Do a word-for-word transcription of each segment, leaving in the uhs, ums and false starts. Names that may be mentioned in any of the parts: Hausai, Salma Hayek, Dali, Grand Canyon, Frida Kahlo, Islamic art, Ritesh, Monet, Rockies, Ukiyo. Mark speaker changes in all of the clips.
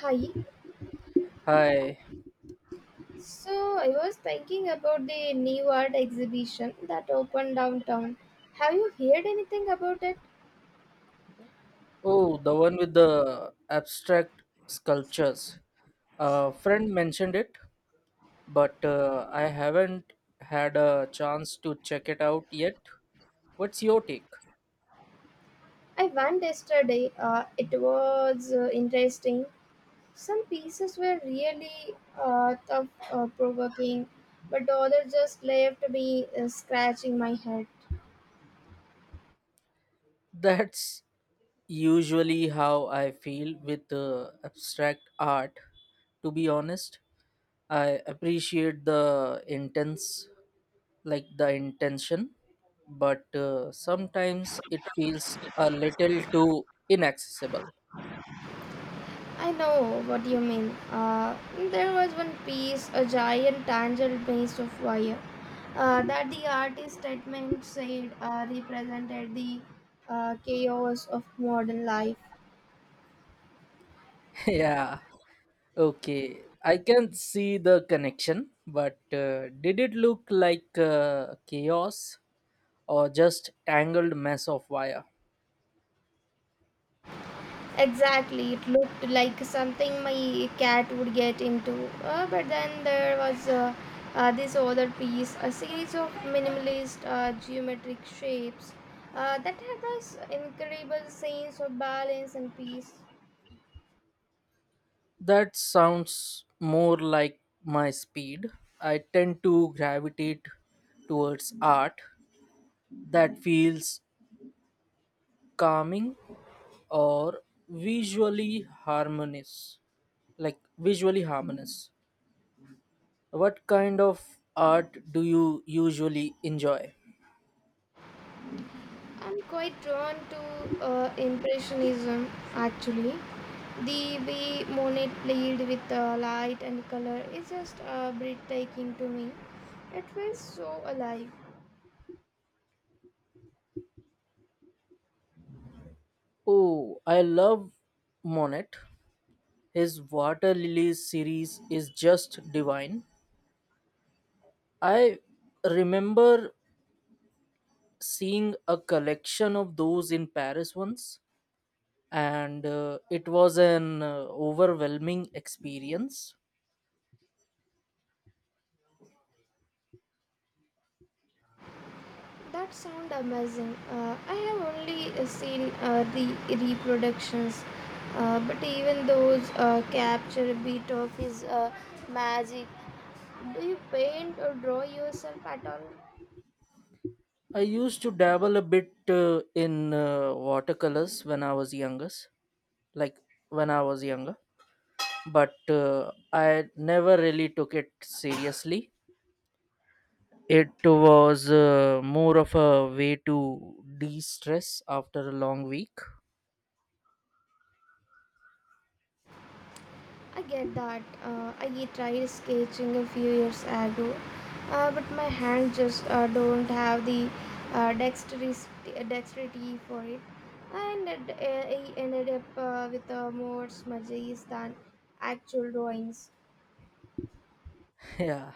Speaker 1: Hi.
Speaker 2: Hi.
Speaker 1: So I was thinking about the new art exhibition that opened downtown. Have you heard anything about it?
Speaker 2: Oh, the one with the abstract sculptures. A friend mentioned it, but uh, I haven't had a chance to check it out yet. What's your take?
Speaker 1: I went yesterday. Uh, it was uh, interesting. Some pieces were really uh, thought uh, provoking, but others just left me uh, scratching my head.
Speaker 2: That's usually how I feel with uh, abstract art, to be honest. I appreciate the intense, like the intention, but uh, sometimes it feels a little too inaccessible.
Speaker 1: I know what you mean. Uh, there was one piece, a giant tangled maze of wire, uh, that the artist statement said uh, represented the uh, chaos of modern life.
Speaker 2: Yeah, okay, I can see the connection, but uh, did it look like uh, chaos or just tangled mess of wire?
Speaker 1: Exactly, it looked like something my cat would get into. Uh, but then there was uh, uh, this other piece, a series of minimalist uh, geometric shapes uh, that had this incredible sense of balance and peace.
Speaker 2: That sounds more like my speed. I tend to gravitate towards art that feels calming or visually harmonious, like visually harmonious. What kind of art do you usually enjoy?
Speaker 1: I'm quite drawn to uh, Impressionism actually. The way Monet played with uh, light and color is just uh, breathtaking to me. It feels so alive.
Speaker 2: Oh, I love Monet. His Water Lilies series is just divine. I remember seeing a collection of those in Paris once, and uh, it was an uh, overwhelming experience.
Speaker 1: That sound amazing. Uh, I have only uh, seen uh, the reproductions, uh, but even those uh, capture a bit of his uh, magic. Do you paint or draw yourself at all?
Speaker 2: I used to dabble a bit uh, in uh, watercolors when I was youngest, like when I was younger, but uh, I never really took it seriously. It was uh, more of a way to de stress after a long week.
Speaker 1: I get that. Uh, I tried sketching a few years ago, uh, but my hands just uh, don't have the uh, dexterity, dexterity for it. And it, uh, I ended up uh, with uh, more smudges than actual drawings.
Speaker 2: Yeah,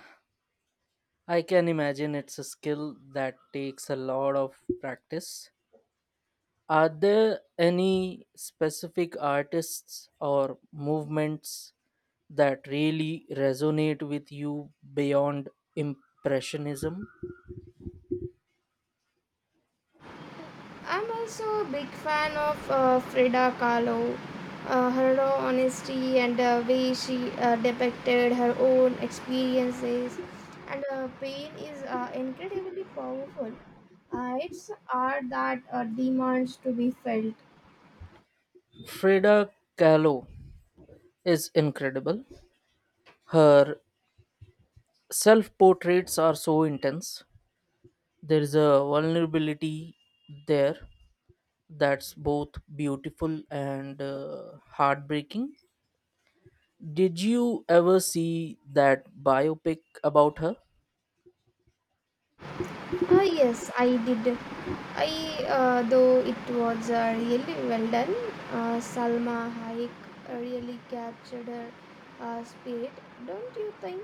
Speaker 2: I can imagine it's a skill that takes a lot of practice. Are there any specific artists or movements that really resonate with you beyond Impressionism?
Speaker 1: I'm also a big fan of uh, Frida Kahlo. Uh, her raw honesty and the way she uh, depicted her own experiences and uh, pain is uh, incredibly powerful. Uh, it's art that uh, demands to be felt.
Speaker 2: Frida Kahlo is incredible. Her self portraits are so intense, there is a vulnerability there that's both beautiful and uh, heartbreaking. Did you ever see that biopic about her?
Speaker 1: Ah yes, I did. I uh, though it was uh, really well done. Uh, Salma Hayek really captured her uh, spirit, don't you think?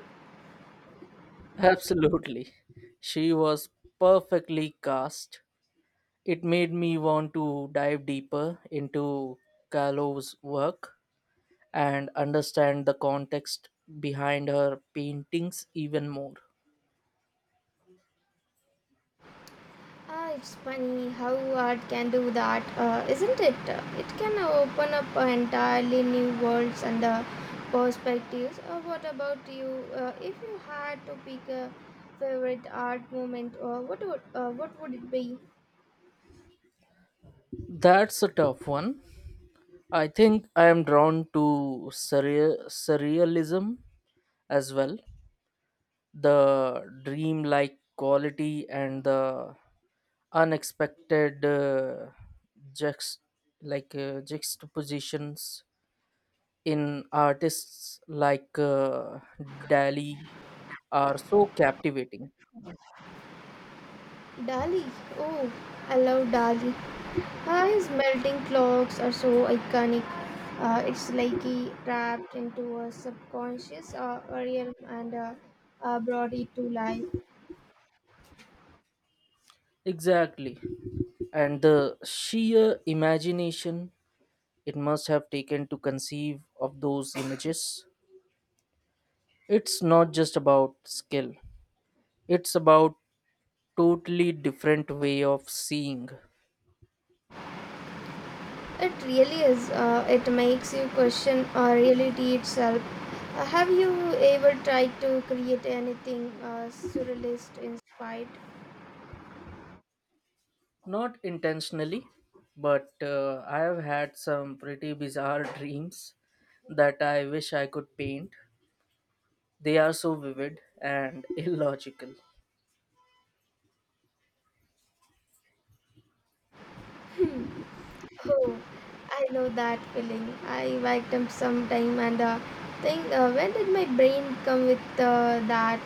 Speaker 2: Absolutely. She was perfectly cast. It made me want to dive deeper into Callow's work and understand the context behind her paintings even more.
Speaker 1: Ah, it's funny how art can do that, uh, isn't it? It can open up entirely new worlds and uh, perspectives. Uh, what about you? Uh, if you had to pick a favorite art moment, uh, what would uh, what would it be?
Speaker 2: That's a tough one. I think I am drawn to surreal, surrealism as well. The dreamlike quality and the unexpected uh, juxt- like uh, juxtapositions in artists like uh, Dali are so captivating.
Speaker 1: Dali. Oh, I love Dali. Uh, his melting clocks are so iconic. Uh, it's like he trapped into a subconscious uh, realm and uh, uh, brought it to life.
Speaker 2: Exactly. And the sheer imagination it must have taken to conceive of those images. It's not just about skill, it's about totally different way of seeing.
Speaker 1: It really is. Uh, it makes you question uh, reality itself. Uh, have you ever tried to create anything uh, surrealist inspired?
Speaker 2: Not intentionally, but uh, I have had some pretty bizarre dreams that I wish I could paint. They are so vivid and illogical.
Speaker 1: Oh, I know that feeling. I wake up sometime and uh, think, uh, when did my brain come with uh, that?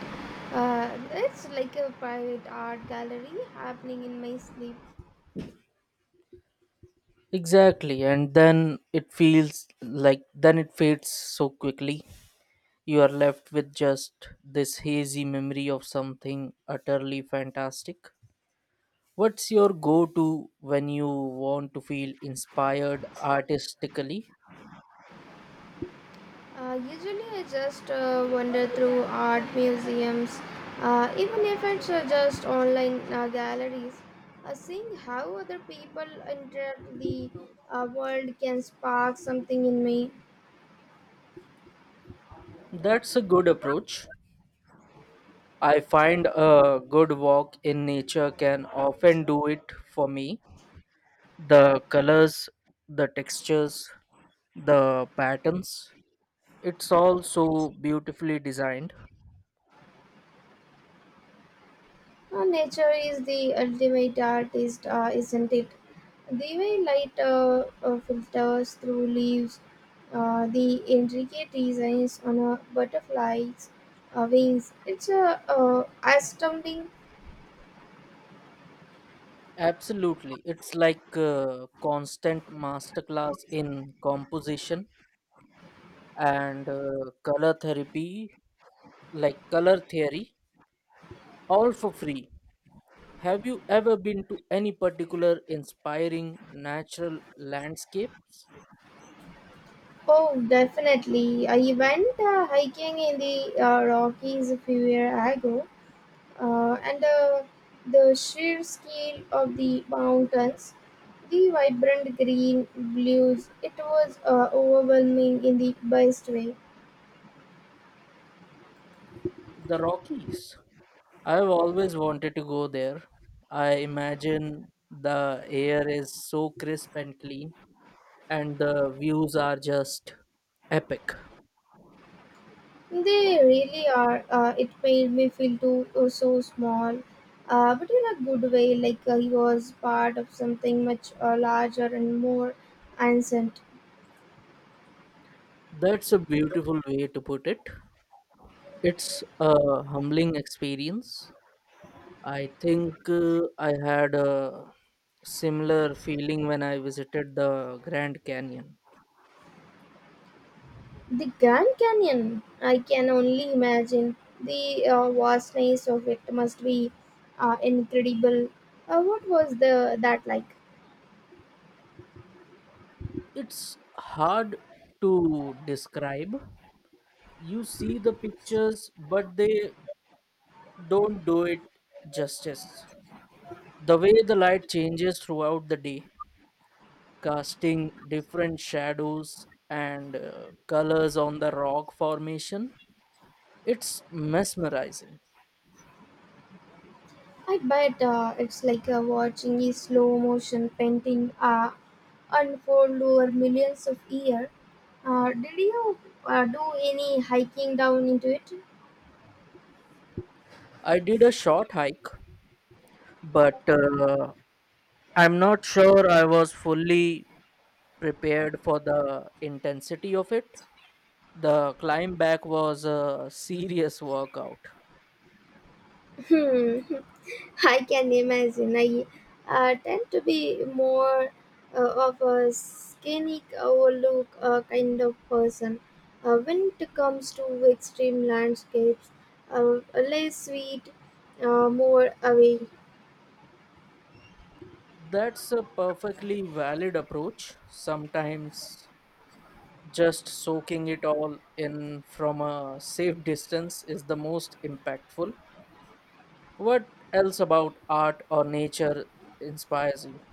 Speaker 1: Uh, it's like a private art gallery happening in my sleep.
Speaker 2: Exactly, and then it feels like then it fades so quickly. You are left with just this hazy memory of something utterly fantastic. What's your go to when you want to feel inspired artistically?
Speaker 1: Uh, usually, I just uh, wander through art museums, uh, even if it's uh, just online uh, galleries. Uh, seeing how other people interact with the uh, world can spark something in me.
Speaker 2: That's a good approach. I find a good walk in nature can often do it for me. The colors, the textures, the patterns, it's all so beautifully designed.
Speaker 1: Uh, nature is the ultimate artist, uh, isn't it? The way light uh, uh, filters through leaves, uh, the intricate designs on a butterfly's uh, wings. It's a uh, astounding.
Speaker 2: Absolutely. It's like a constant masterclass in composition and uh, color therapy, like color theory, all for free. Have you ever been to any particular inspiring natural landscapes?
Speaker 1: Oh, definitely. I went uh, hiking in the uh, Rockies a few years ago, uh, and uh, the sheer scale of the mountains, the vibrant green blues, it was uh, overwhelming in the best way.
Speaker 2: The Rockies. I've always wanted to go there. I imagine the air is so crisp and clean, and the views are just epic.
Speaker 1: They really are. Uh, it made me feel too uh, so small, uh, but in a good way, like uh, he was part of something much uh, larger and more ancient.
Speaker 2: That's a beautiful way to put it. It's a humbling experience. I think uh, I had a similar feeling when I visited the Grand Canyon.
Speaker 1: The Grand Canyon, I can only imagine. The uh, vastness of it must be uh, incredible. Uh, what was the that like?
Speaker 2: It's hard to describe. You see the pictures, but they don't do it justice. The way the light changes throughout the day, casting different shadows and uh, colors on the rock formation, it's mesmerizing.
Speaker 1: I bet uh, it's like uh, watching a slow motion painting uh, unfold over millions of years. Uh, did you uh, do any hiking down into it?
Speaker 2: I did a short hike, but uh, I'm not sure I was fully prepared for the intensity of it. The climb back was a serious workout.
Speaker 1: Hmm. I can imagine. I uh, tend to be more uh, of a scenic overlook uh, kind of person. Uh, when it comes to extreme landscapes, uh, less sweet, uh, more away.
Speaker 2: That's a perfectly valid approach. Sometimes just soaking it all in from a safe distance is the most impactful. What else about art or nature inspires you?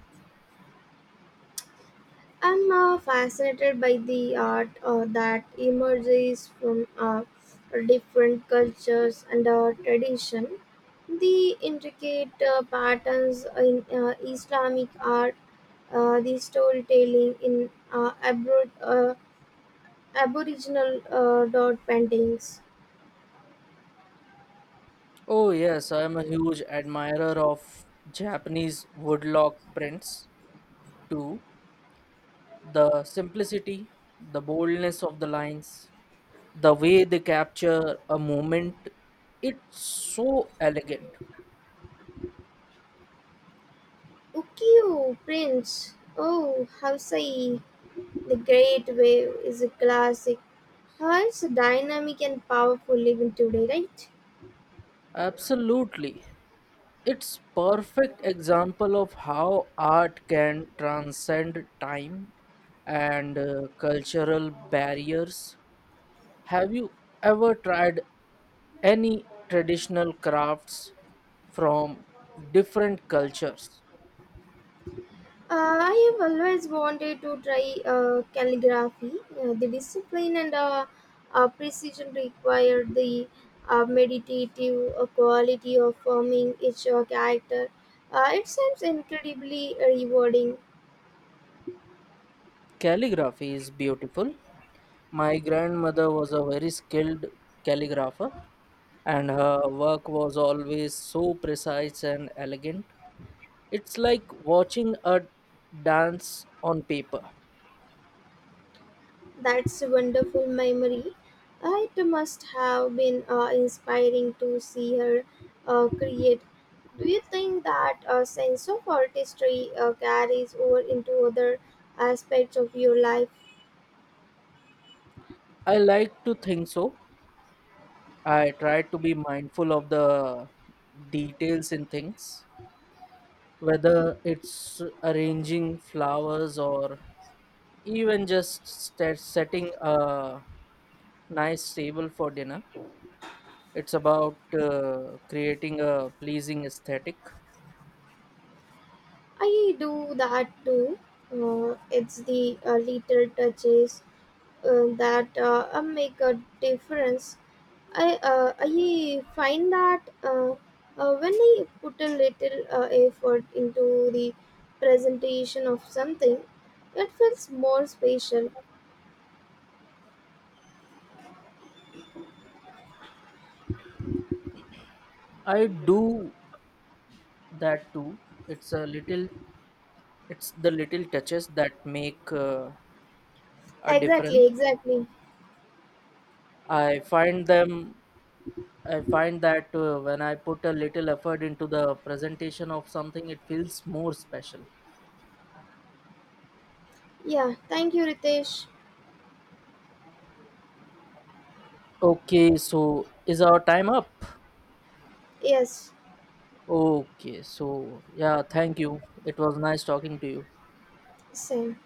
Speaker 1: I'm uh, fascinated by the art uh, that emerges from uh, different cultures and uh, tradition. The intricate uh, patterns in uh, Islamic art, uh, the storytelling in uh, abro- uh, aboriginal uh, dot paintings.
Speaker 2: Oh, yes, I'm a huge admirer of Japanese woodblock prints too. The simplicity, the boldness of the lines, the way they capture a moment, it's so elegant.
Speaker 1: Ukiyo prints. Oh, Hausai, the Great Wave is a classic. How it's dynamic and powerful even today, right?
Speaker 2: Absolutely. It's perfect example of how art can transcend time and uh, cultural barriers. Have you ever tried any traditional crafts from different cultures?
Speaker 1: Uh, I have always wanted to try uh, calligraphy. Uh, the discipline and uh, uh, precision required, the uh, meditative uh, quality of forming each uh, character. Uh, it seems incredibly rewarding.
Speaker 2: Calligraphy is beautiful. My grandmother was a very skilled calligrapher, and her work was always so precise and elegant. It's like watching a dance on paper.
Speaker 1: That's a wonderful memory. Uh, it must have been uh, inspiring to see her uh, create. Do you think that a sense of artistry uh, carries over into other aspects of your life?
Speaker 2: I like to think so. I try to be mindful of the details in things, whether it's arranging flowers or even just sta setting a nice table for dinner. It's about uh, creating a pleasing aesthetic.
Speaker 1: I do that too. Uh, it's the uh, little touches uh, that uh, uh, make a difference. I uh, I find that uh, uh, when I put a little uh, effort into the presentation of something, it feels more special.
Speaker 2: I do that too. It's a little, it's the little touches that make uh, a
Speaker 1: Exactly,
Speaker 2: difference.
Speaker 1: exactly.
Speaker 2: I find them, I find that uh, when I put a little effort into the presentation of something, it feels more special.
Speaker 1: Yeah, thank you, Ritesh.
Speaker 2: Okay, so is our time up?
Speaker 1: Yes,
Speaker 2: Okay, so yeah, thank you. It was nice talking to you.
Speaker 1: same.